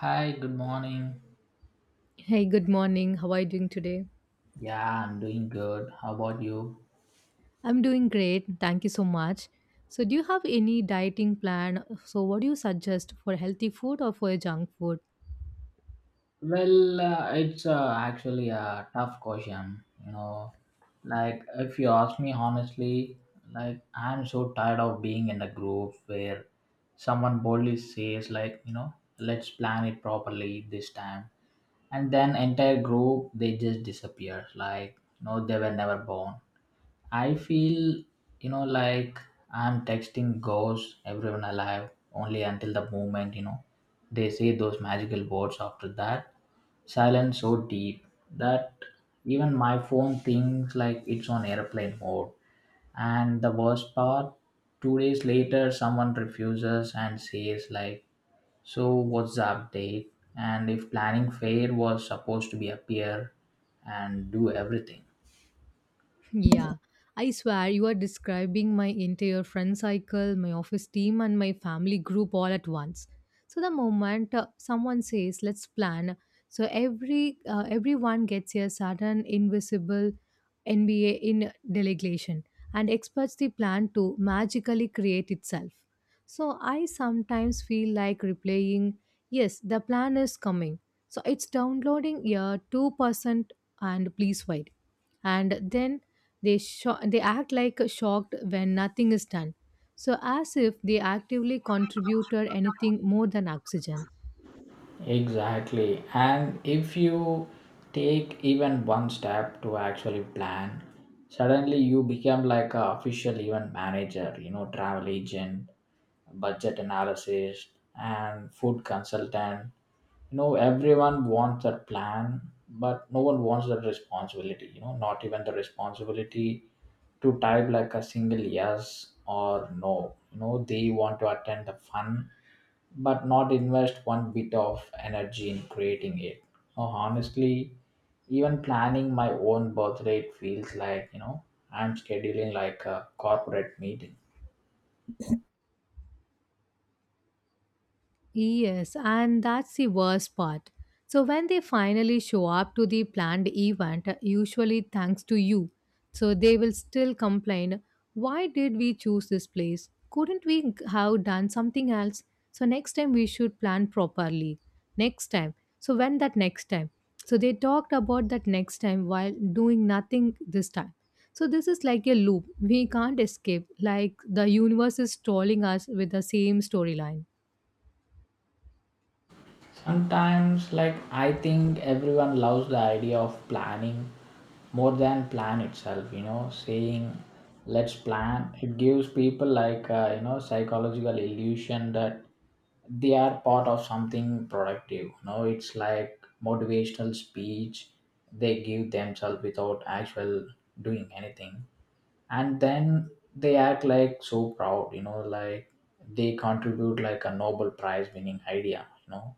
Hi, good morning. Hey, good morning. How are you doing today? Yeah, I'm doing good. How about you? I'm doing great. Thank you so much. So, do you have any dieting plan? So, what do you suggest for healthy food or for junk food? Well, it's actually a tough question. Like, if you ask me honestly, like, I'm so tired of being in a group where someone boldly says, like, let's plan it properly this time. And then entire group, they just disappear. Like, no, they were never born. I feel like I'm texting ghosts, everyone alive, only until the moment, they say those magical words after that. Silence so deep that even my phone thinks like it's on airplane mode. And the worst part, 2 days later, someone refuses and says, like, so what's the update? And if planning fair was supposed to be appear and do everything. Yeah, I swear you are describing my entire friend cycle, my office team, and my family group all at once. So the moment someone says, "Let's plan," so everyone gets a sudden invisible NBA in delegation and expects the plan to magically create itself. So I sometimes feel like replaying, "Yes, the plan is coming." So it's downloading a 2% and please wait, and then they act like shocked when nothing is done, so as if they actively contributed anything more than oxygen. Exactly. And if you take even one step to actually plan, suddenly you become like a official event manager, travel agent, budget analysis, and food consultant. Everyone wants a plan, but no one wants the responsibility, not even the responsibility to type like a single yes or no. They want to attend the fun but not invest one bit of energy in creating it. No, honestly, even planning my own birthday it feels like I'm scheduling like a corporate meeting. Yes, and that's the worst part. So when they finally show up to the planned event, usually thanks to you, so they will still complain, why did we choose this place? Couldn't we have done something else? So next time we should plan properly. Next time. So when that next time? So they talked about that next time while doing nothing this time. So this is like a loop. We can't escape. Like the universe is trolling us with the same storyline. Sometimes, like, I think everyone loves the idea of planning more than plan itself, saying let's plan. It gives people, like, psychological illusion that they are part of something productive. It's like motivational speech they give themselves without actual doing anything. And then they act like so proud, like they contribute like a Nobel Prize winning idea,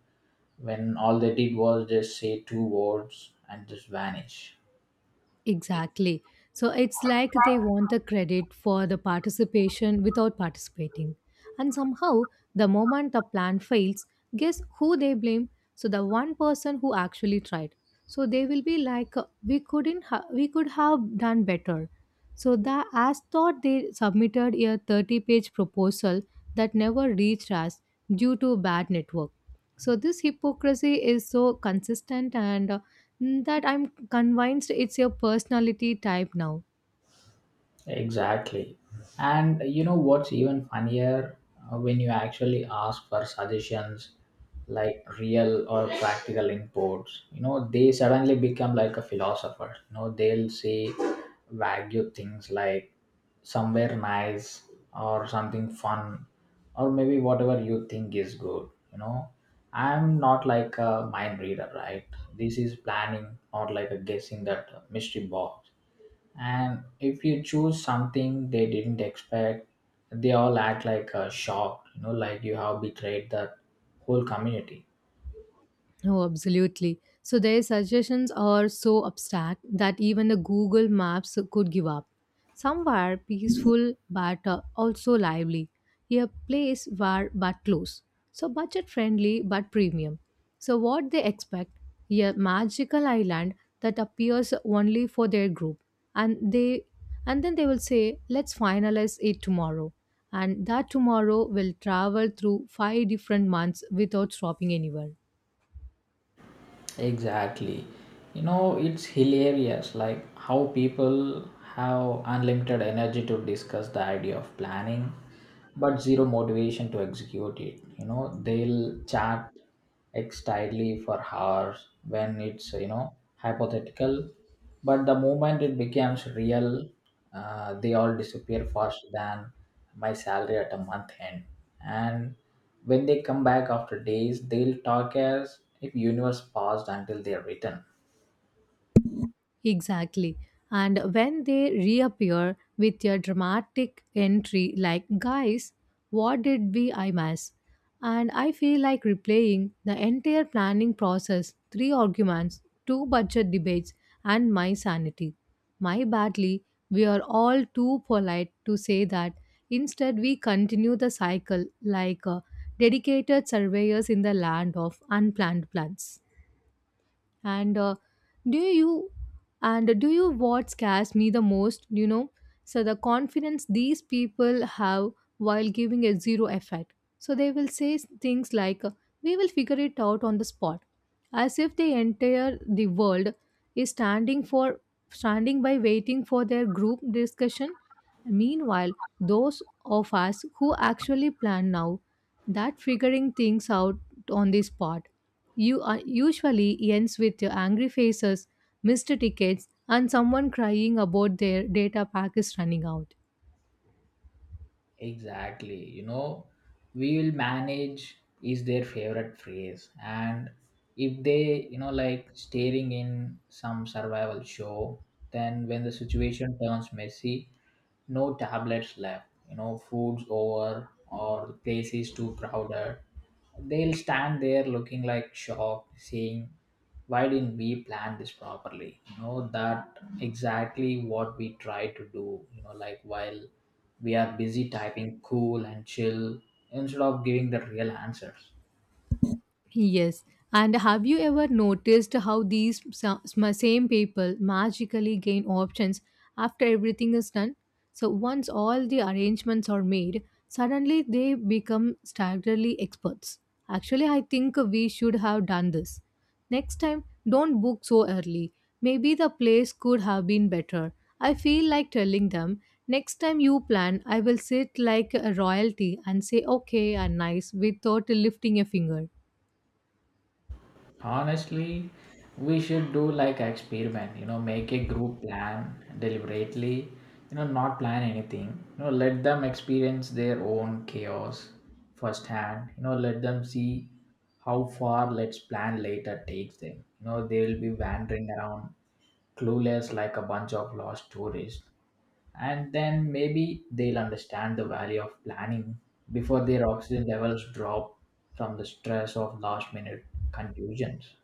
when all they did was just say two words and just vanish. Exactly. So it's like they want the credit for the participation without participating. And somehow, the moment the plan fails, guess who they blame? So the one person who actually tried. So they will be like, we couldn't, ha- we could have done better. So the as thought they submitted a 30-page proposal that never reached us due to bad network. So this hypocrisy is so consistent and that I'm convinced it's your personality type now. Exactly. And what's even funnier. When you actually ask for suggestions like real or practical inputs, they suddenly become like a philosopher. They'll say vague things like somewhere nice or something fun or maybe whatever you think is good. I'm not like a mind reader, right? This is planning, not like a guessing that mystery box, and if you choose something they didn't expect, they all act like shocked, like you have betrayed the whole community. Oh, absolutely. So their suggestions are so abstract that even the Google Maps could give up. Somewhere peaceful but also lively. A place where but close. So budget friendly but premium. So what they expect? A magical island that appears only for their group. And they and then they will say, let's finalize it tomorrow. And that tomorrow will travel through five different months without stopping anywhere. Exactly. It's hilarious like how people have unlimited energy to discuss the idea of planning but zero motivation to execute it. They'll chat excitedly for hours when it's, hypothetical, but the moment it becomes real, they all disappear faster than my salary at a month end. And when they come back after days, they'll talk as if universe paused until they are written. Exactly. And when they reappear with a dramatic entry like, guys, what did we I miss? And I feel like replaying the entire planning process, 3 arguments, 2 budget debates, and my sanity. My badly, we are all too polite to say that. Instead, we continue the cycle like dedicated surveyors in the land of unplanned plans, and do you do you what scares me the most, you know? So the confidence these people have while giving a zero effect, so they will say things like, we will figure it out on the spot, as if the entire the world is standing by waiting for their group discussion. Meanwhile, those of us who actually plan now that figuring things out on the spot you usually ends with your angry faces, missed tickets, and someone crying about their data pack is running out. Exactly. We will manage is their favorite phrase. And if they, like staring in some survival show, then when the situation turns messy, no tablets left. Food's over or the place is too crowded. They'll stand there looking like shocked, saying, why didn't we plan this properly? That exactly what we try to do, like while we are busy typing cool and chill instead of giving the real answers. Yes. And have you ever noticed how same people magically gain options after everything is done? So, once all the arrangements are made, suddenly they become staggeringly experts. Actually, I think we should have done this. Next time, don't book so early. Maybe the place could have been better. I feel like telling them, next time you plan, I will sit like a royalty and say okay and nice without lifting a finger. Honestly, we should do like an experiment, make a group plan deliberately, not plan anything. Let them experience their own chaos firsthand. Let them see how far let's plan later takes them. They'll be wandering around clueless like a bunch of lost tourists. And then maybe they'll understand the value of planning before their oxygen levels drop from the stress of last minute confusions.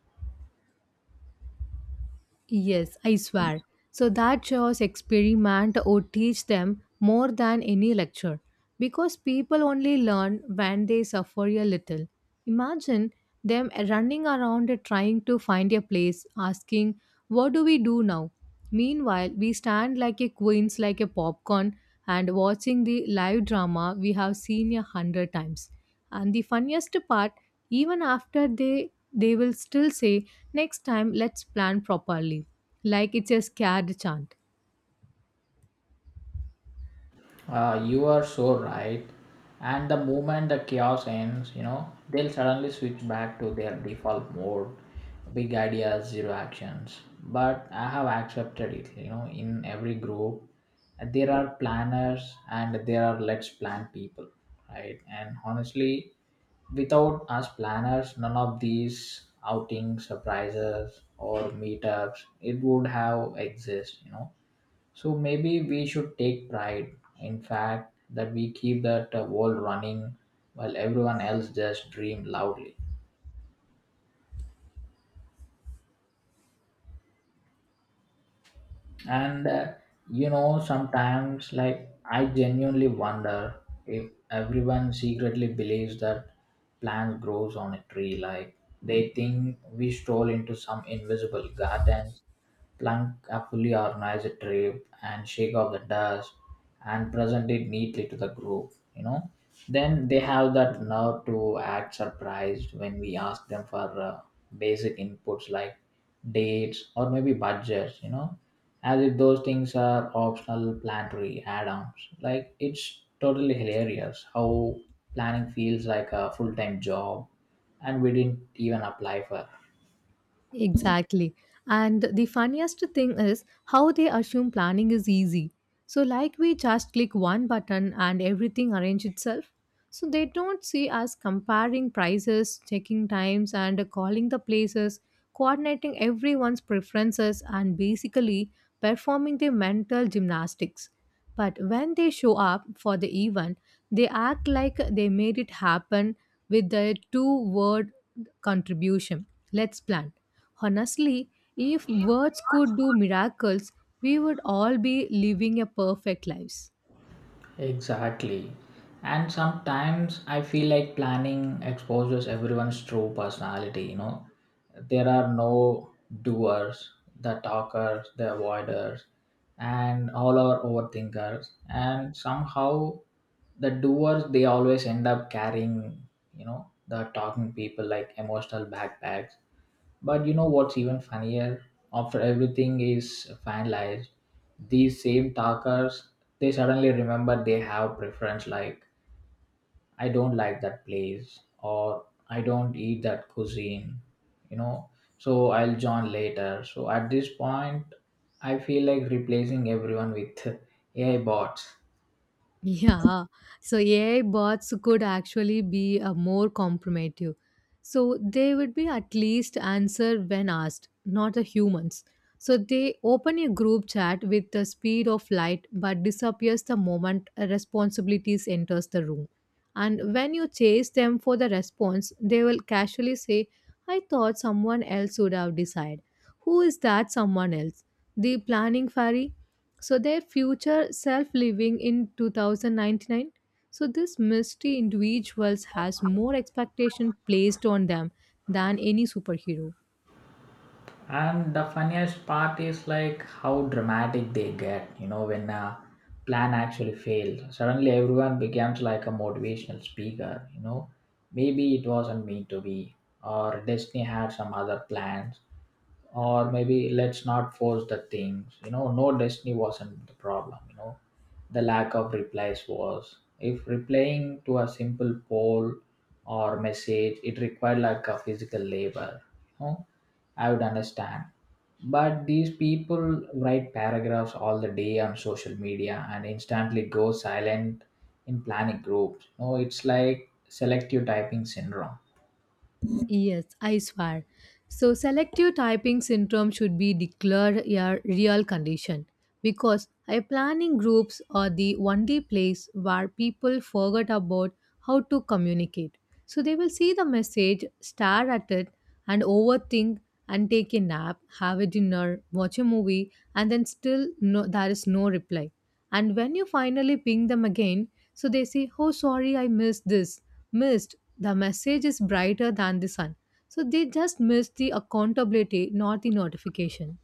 Yes, I swear. So that shows experiment would teach them more than any lecture because people only learn when they suffer a little. Imagine them running around trying to find a place, asking, what do we do now? Meanwhile, we stand like a queens, like a popcorn, and watching the live drama we have seen 100 times. And the funniest part, even after they will still say next time let's plan properly, like it's a scared chant. You are so right. And the moment the chaos ends, they'll suddenly switch back to their default mode. Big ideas, zero actions. But I have accepted it, in every group. There are planners and there are let's plan people, right? And honestly, without us planners, none of these outings, surprises, or meetups, it would have exist, so maybe we should take pride in fact that we keep that world running while everyone else just dream loudly. And sometimes like I genuinely wonder if everyone secretly believes that plant grows on a tree, like they think we stroll into some invisible gardens, plant a fully organized trip and shake off the dust and present it neatly to the group. Then they have that nerve to act surprised when we ask them for basic inputs like dates or maybe budgets, as if those things are optional planetary add-ons. Like it's totally hilarious how planning feels like a full-time job, and we didn't even apply for. Exactly, and the funniest thing is how they assume planning is easy, so like we just click one button and everything arrange itself. So they don't see us comparing prices, checking times, and calling the places, coordinating everyone's preferences, and basically performing their mental gymnastics. But when they show up for the event, they act like they made it happen with their two word contribution. Let's plan. Honestly, if words could do miracles, we would all be living a perfect lives. Exactly. And sometimes I feel like planning exposes everyone's true personality. There are no doers, the talkers, the avoiders, and all are overthinkers. And somehow the doers they always end up carrying, the talking people like emotional backpacks. But what's even funnier? After everything is finalized, these same talkers they suddenly remember they have preference like I don't like that place or I don't eat that cuisine, you know. So I'll join later. So at this point, I feel like replacing everyone with AI bots. Yeah, so AI bots could actually be more compromative. So they would be at least answer when asked, not the humans. So they open a group chat with the speed of light but disappears the moment a responsibilities enters the room. And when you chase them for the response, they will casually say, I thought someone else would have decided. Who is that someone else? The planning fairy? So their future self living in 2099. So this mystery individuals has more expectation placed on them than any superhero. And the funniest part is like how dramatic they get when a plan actually failed, suddenly everyone becomes like a motivational speaker. Maybe it wasn't meant to be or destiny had some other plans or maybe let's not force the things. No, destiny wasn't the problem. The lack of replies was if replying to a simple poll or message it required like a physical labor you know I would understand. But these people write paragraphs all the day on social media and instantly go silent in planning groups. No, it's like selective typing syndrome. Yes, I swear. So, selective typing syndrome should be declared a real condition because high planning groups are the only place where people forget about how to communicate. So, they will see the message, stare at it, and overthink and take a nap, have a dinner, watch a movie, and then still no, there is no reply. And when you finally ping them again, so they say, oh, sorry, I missed this. Missed. The message is brighter than the sun. So they just missed the accountability, not the notification.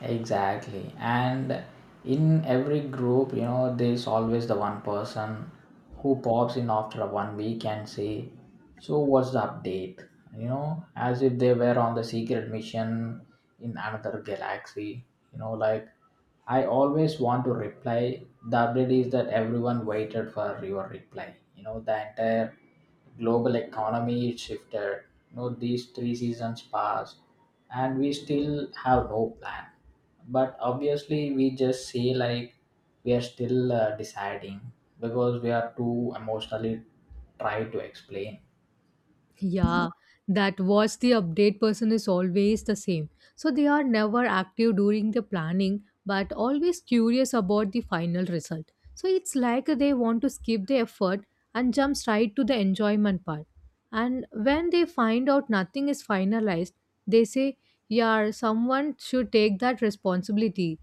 Exactly. And in every group, there's always the one person who pops in after one week and say, so what's the update? As if they were on the secret mission in another galaxy. Like I always want to reply. The update is that everyone waited for your reply. The entire global economy is shifted. These three seasons passed and we still have no plan, but obviously we just say like we are still deciding because we are too emotionally try to explain. Yeah, that watch the update person is always the same. So they are never active during the planning but always curious about the final result. So it's like they want to skip the effort and jump straight to the enjoyment part. And when they find out nothing is finalized, they say, yeah, someone should take that responsibility.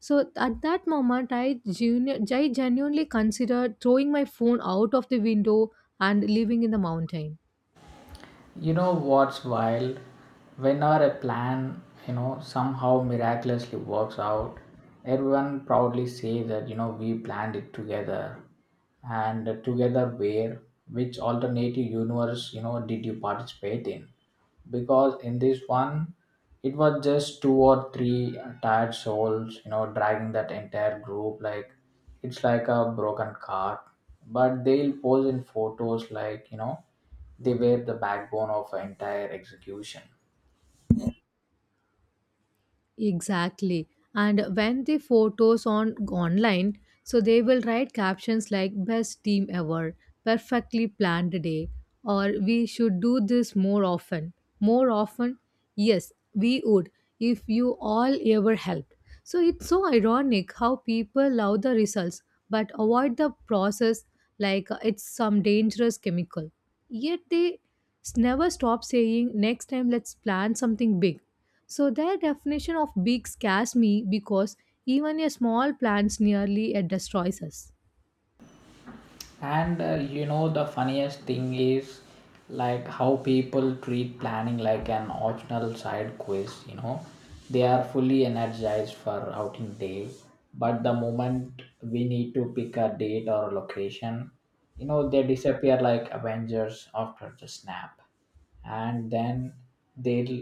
So at that moment, I genuinely considered throwing my phone out of the window and living in the mountain. What's wild? Whenever a plan, somehow miraculously works out, everyone proudly say that, we planned it together. And together where? Which alternative universe, did you participate in? Because in this one, it was just two or three tired souls, dragging that entire group like it's like a broken cart. But they'll pose in photos like, they were the backbone of an entire execution. Exactly. And when the photos on online, so they will write captions like best team ever, perfectly planned day, or we should do this more often. More often? Yes, we would if you all ever helped. So it's so ironic how people love the results but avoid the process, like it's some dangerous chemical. Yet they never stop saying next time let's plan something big, so their definition of big scares me because even a small plant nearly it destroys us. And the funniest thing is like how people treat planning like an optional side quiz. They are fully energized for outing day but the moment we need to pick a date or a location, they disappear like avengers after the snap, and then they'll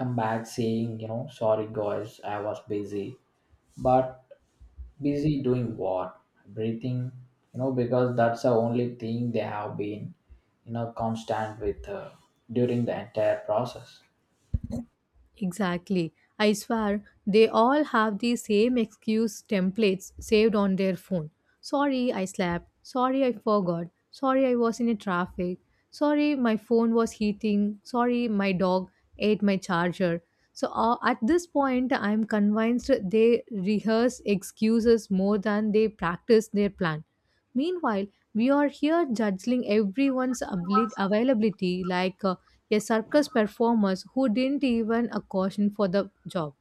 come back saying sorry guys I was busy but busy doing what? Breathing, because that's the only thing they have been, constant with during the entire process. Exactly. I swear they all have the same excuse templates saved on their phone. Sorry I slept. Sorry I forgot. Sorry I was in a traffic. Sorry my phone was heating. Sorry my dog ate my charger. So at this point I am convinced they rehearse excuses more than they practice their plan. Meanwhile, we are here judging everyone's availability like a circus performers who didn't even a caution for the job.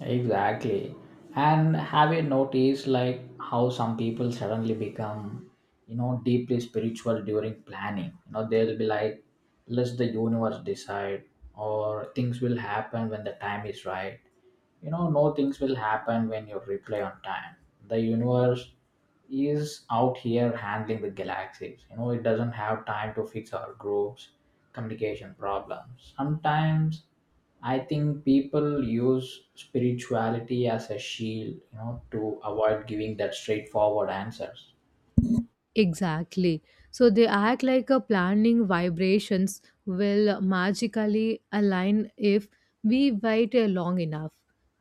Exactly. And have you noticed like how some people suddenly become, deeply spiritual during planning? They'll be like, let the universe decide or things will happen when the time is right. No, things will happen when you reply on time. The universe is out here handling the galaxies, it doesn't have time to fix our groups communication problems. Sometimes I think people use spirituality as a shield, to avoid giving that straightforward answers. Exactly. So they act like a planning vibrations will magically align if we wait long enough.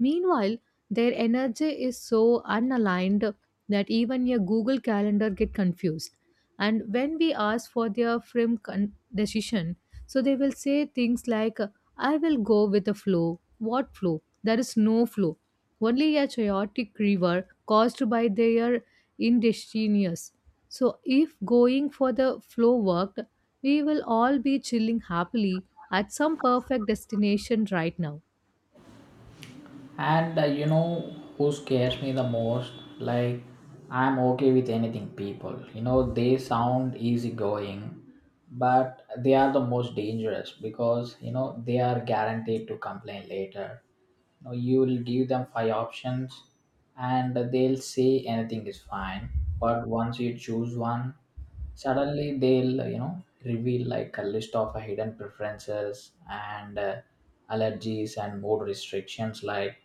Meanwhile, their energy is so unaligned that even your Google Calendar get confused. And when we ask for their firm decision, so they will say things like, "I will go with the flow." What flow? There is no flow. Only a chaotic river caused by their indecisiveness. So, if going for the flow worked, we will all be chilling happily at some perfect destination right now. And who scares me the most? Like, I'm okay with anything, people. They sound easygoing, but they are the most dangerous because, they are guaranteed to complain later. You will give them five options and they'll say anything is fine. But once you choose one, suddenly they'll reveal like a list of hidden preferences and allergies and mood restrictions. Like,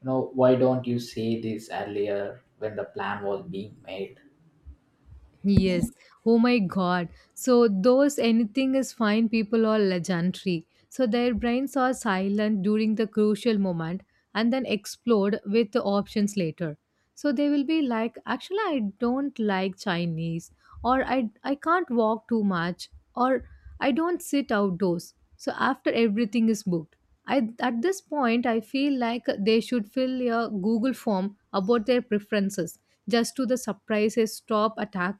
why don't you say this earlier when the plan was being made? Yes. Oh my God. So those anything is fine people are legendary. So their brains are silent during the crucial moment and then explode with the options later. So they will be like, actually, I don't like Chinese, or I can't walk too much, or I don't sit outdoors. So after everything is booked. At this point, I feel like they should fill a Google form about their preferences, just to the surprises stop attack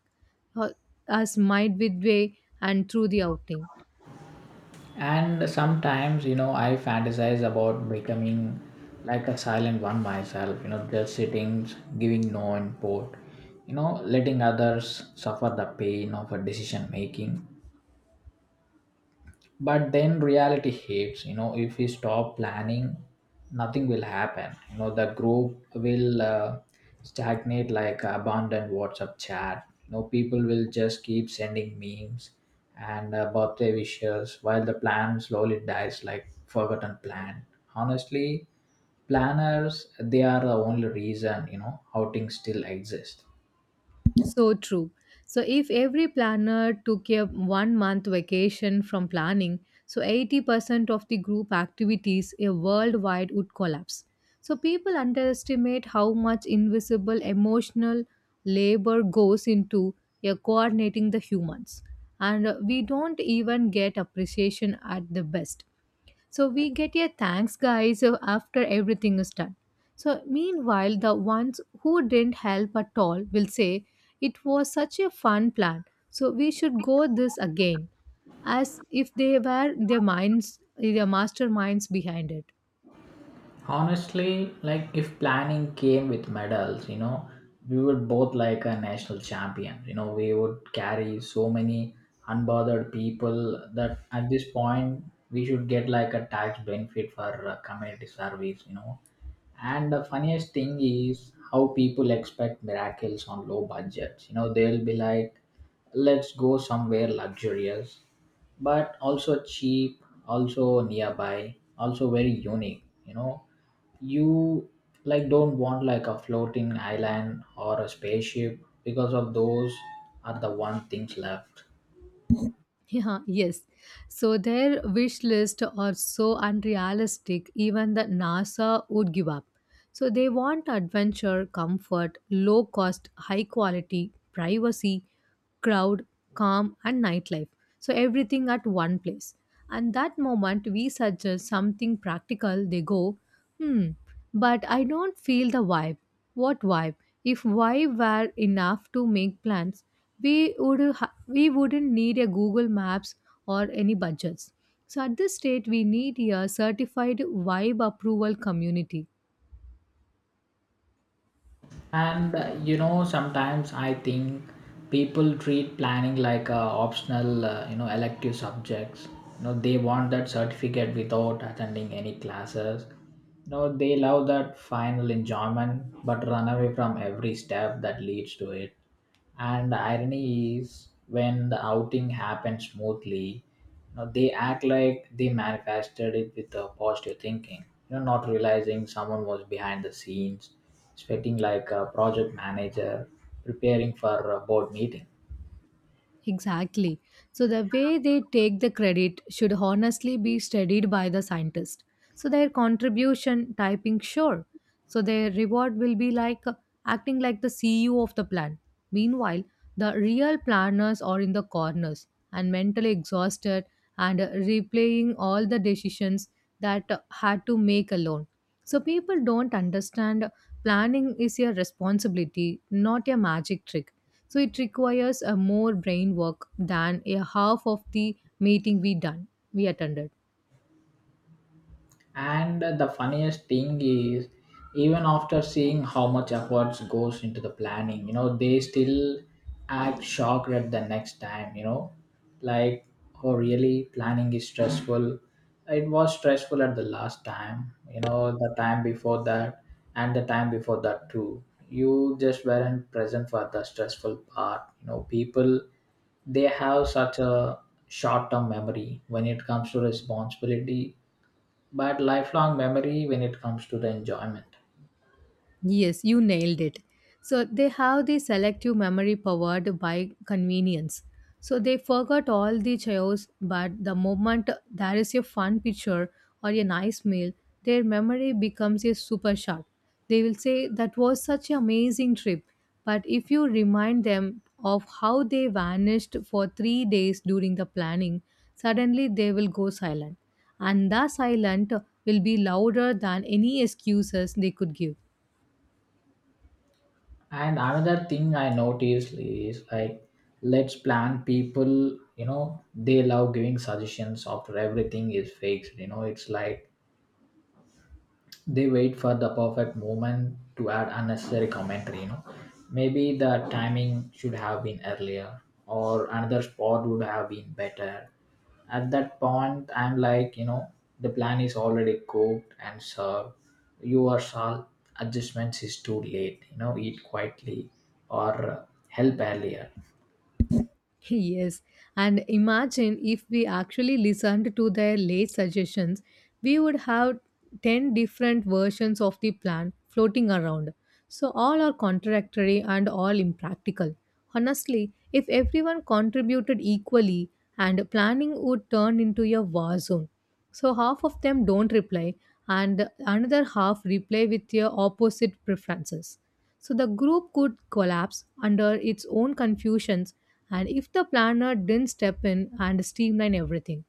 uh, us midway and through the outing. And sometimes, I fantasize about becoming like a silent one myself, just sitting, giving no input, letting others suffer the pain of a decision making. But then reality hits. If we stop planning, nothing will happen. The group will stagnate like abandoned WhatsApp chat. People will just keep sending memes and birthday wishes while the plan slowly dies like forgotten plan. Honestly, planners, they are the only reason, outings still exist. So true. So if every planner took a 1 month vacation from planning, so 80% of the group activities a worldwide would collapse. So people underestimate how much invisible emotional labor goes into coordinating the humans. And we don't even get appreciation at the best. So we get a thanks, guys, after everything is done. So meanwhile, the ones who didn't help at all will say, it was such a fun plan, so we should go this again, as if they were their minds, their masterminds behind it. Honestly, like if planning came with medals, you know, we would both like a national champion. You know, we would carry so many unbothered people that at this point we should get like a tax benefit for community service, you know. And the funniest thing is how people expect miracles on low budgets. You know, they'll be like, let's go somewhere luxurious, but also cheap, also nearby, also very unique. You know, you like don't want like a floating island or a spaceship because of those are the one things left. Yeah, yes. So their wish list are so unrealistic, even the NASA would give up. So they want adventure, comfort, low cost, high quality, privacy, crowd, calm, and nightlife. So everything at one place. And that moment we suggest something practical, they go, hmm, but I don't feel the vibe. What vibe? If vibe were enough to make plans, we we wouldn't need a google maps or any budgets, so at this state we need a certified vibe approval community. And you know, sometimes I think people treat planning like a optional, you know, elective subjects. You know, they want that certificate without attending any classes. You know, they love that final enjoyment, but run away from every step that leads to it. And the irony is, when the outing happens smoothly, you know, they act like they manifested it with a positive thinking, you know, not realizing someone was behind the scenes sweating like a project manager preparing for a board meeting. Exactly. So the way they take the credit should honestly be studied by the scientist. So their contribution typing sure. So their reward will be like acting like the CEO of the plan. Meanwhile, the real planners are in the corners and mentally exhausted and replaying all the decisions that had to make alone. So people don't understand, planning is a responsibility, not a magic trick, so it requires a more brain work than a half of the meeting we attended. And the funniest thing is, even after seeing how much efforts goes into the planning, you know, they still act shocked at the next time, you know, like, oh, really, planning is stressful. It was stressful at the last time, you know, the time before that, and the time before that too. You just weren't present for the stressful part. You know, people, they have such a short term memory when it comes to responsibility, but lifelong memory when it comes to the enjoyment. Yes, you nailed it. So they have the selective memory powered by convenience. So they forgot all the chaos, but the moment there is a fun picture or a nice meal, their memory becomes a super sharp. They will say that was such an amazing trip. But if you remind them of how they vanished for 3 days during the planning, suddenly they will go silent. And the silent will be louder than any excuses they could give. And another thing I noticed is, like, let's plan people, you know, they love giving suggestions after everything is fixed. You know, it's like they wait for the perfect moment to add unnecessary commentary. Maybe the timing should have been earlier, or another spot would have been better. At that point, I'm like, the plan is already cooked and served. Your salt adjustments is too late. Eat quietly or help earlier. Yes, and imagine if we actually listened to their late suggestions, we would have 10 different versions of the plan floating around. So, all are contradictory and all impractical. Honestly, if everyone contributed equally, and planning would turn into a war zone. So half of them don't reply, and another half reply with their opposite preferences. So the group could collapse under its own confusions, and if the planner didn't step in and streamline everything.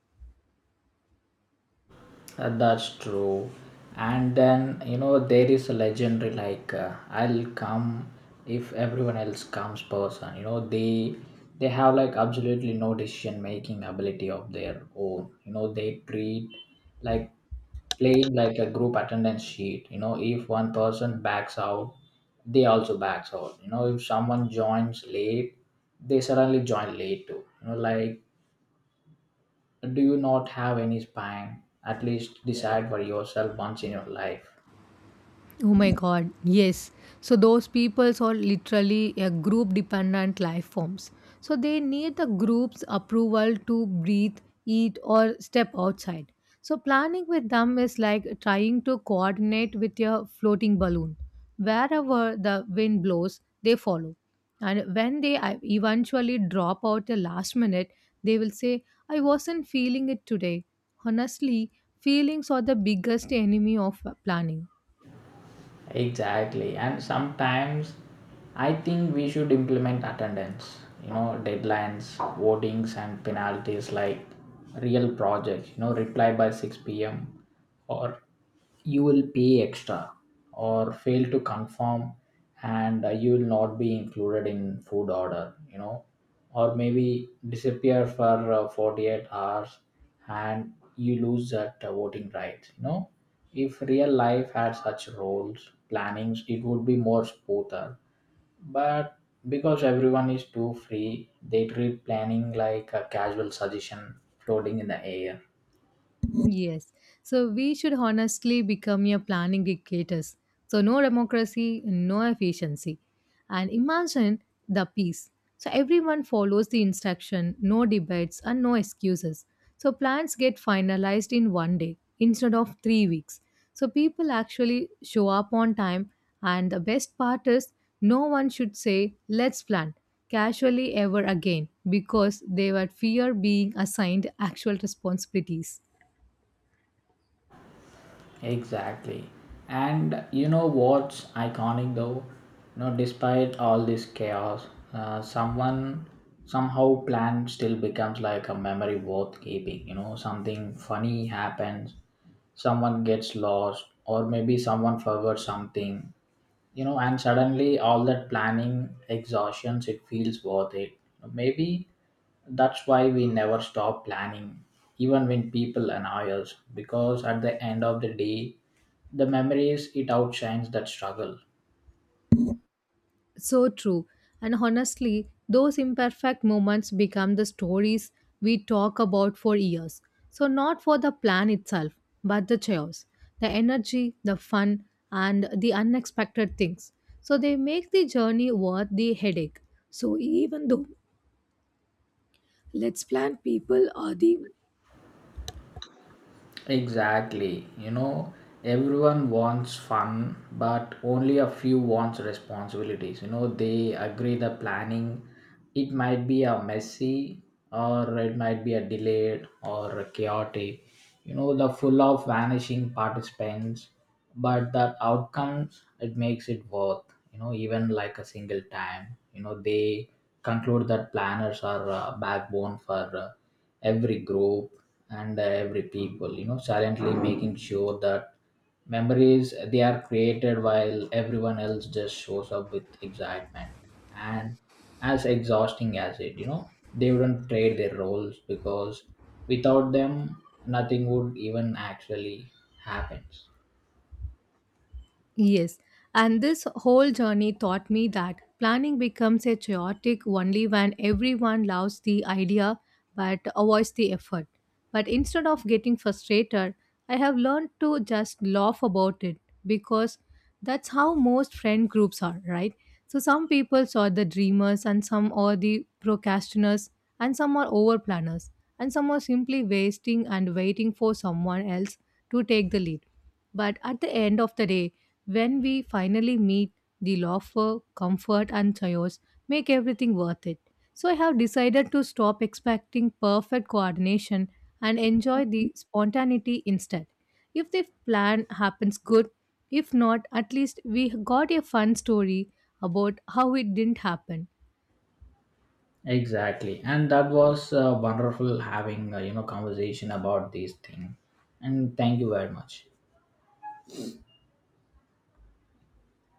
That's true. And then, you know, there is a legendary, like, I'll come if everyone else comes person. You know, they have like absolutely no decision making ability of their own. You know, they treat like playing like a group attendance sheet. You know, if one person backs out, they also backs out. You know, if someone joins late, they suddenly join late too. You know, like, do you not have any spine? At least decide for yourself once in your life. Oh my god, yes. So those peoples are literally a group dependent life forms. So they need the group's approval to breathe, eat, or step outside. So planning with them is like trying to coordinate with your floating balloon. Wherever the wind blows, they follow. And when they eventually drop out a last minute, they will say, I wasn't feeling it today. Honestly, feelings are the biggest enemy of planning. Exactly. And sometimes I think we should implement attendance, you know, deadlines, votings, and penalties like real projects. You know, reply by 6 p.m. or you will pay extra, or fail to confirm, and you will not be included in food order, you know, or maybe disappear for 48 hours and you lose that voting rights. If real life had such roles, plannings, it would be more smoother. But because everyone is too free, they treat planning like a casual suggestion floating in the air. Yes. So we should honestly become your planning dictators. So no democracy, no efficiency. And imagine the peace. So everyone follows the instruction, no debates and no excuses. So plans get finalized in one day instead of 3 weeks. So people actually show up on time, and the best part is no one should say let's plan casually ever again because they were fear being assigned actual responsibilities. Exactly. And you know what's iconic though? No, despite all this chaos, someone somehow plan still becomes like a memory worth keeping. You know, something funny happens, someone gets lost, or maybe someone forgot something, and suddenly all that planning exhaustions, it feels worth it. Maybe that's why we never stop planning, even when people annoy us, because at the end of the day, the memories, it outshines that struggle. So true. And honestly, those imperfect moments become the stories we talk about for years. So, not for the plan itself, but the chaos, the energy, the fun, and the unexpected things. So, they make the journey worth the headache. So even though let's plan people are the... Exactly. You know, everyone wants fun, but only a few wants responsibilities. You know, they agree the planning. It might be a messy, or it might be a delayed, or a chaotic. You know, the full of vanishing participants, but the outcomes, it makes it worth. You know, even like a single time. You know, they conclude that planners are backbone for. Every group and every people, you know, silently making sure that memories, they are created, while everyone else just shows up with excitement. And as exhausting as it, they wouldn't trade their roles because without them, nothing would even actually happens. Yes, and this whole journey taught me that planning becomes a chaotic only when everyone loves the idea but avoids the effort. But instead of getting frustrated, I have learned to just laugh about it because that's how most friend groups are, right? So some people are the dreamers and some are the procrastinators and some are over planners and some are simply wasting and waiting for someone else to take the lead. But at the end of the day, when we finally meet, the laughter, comfort, and chaos make everything worth it. So I have decided to stop expecting perfect coordination and enjoy the spontaneity instead. If the plan happens good, if not, at least we got a fun story about how it didn't happen. Exactly, and that was wonderful having you know conversation about these things. And thank you very much.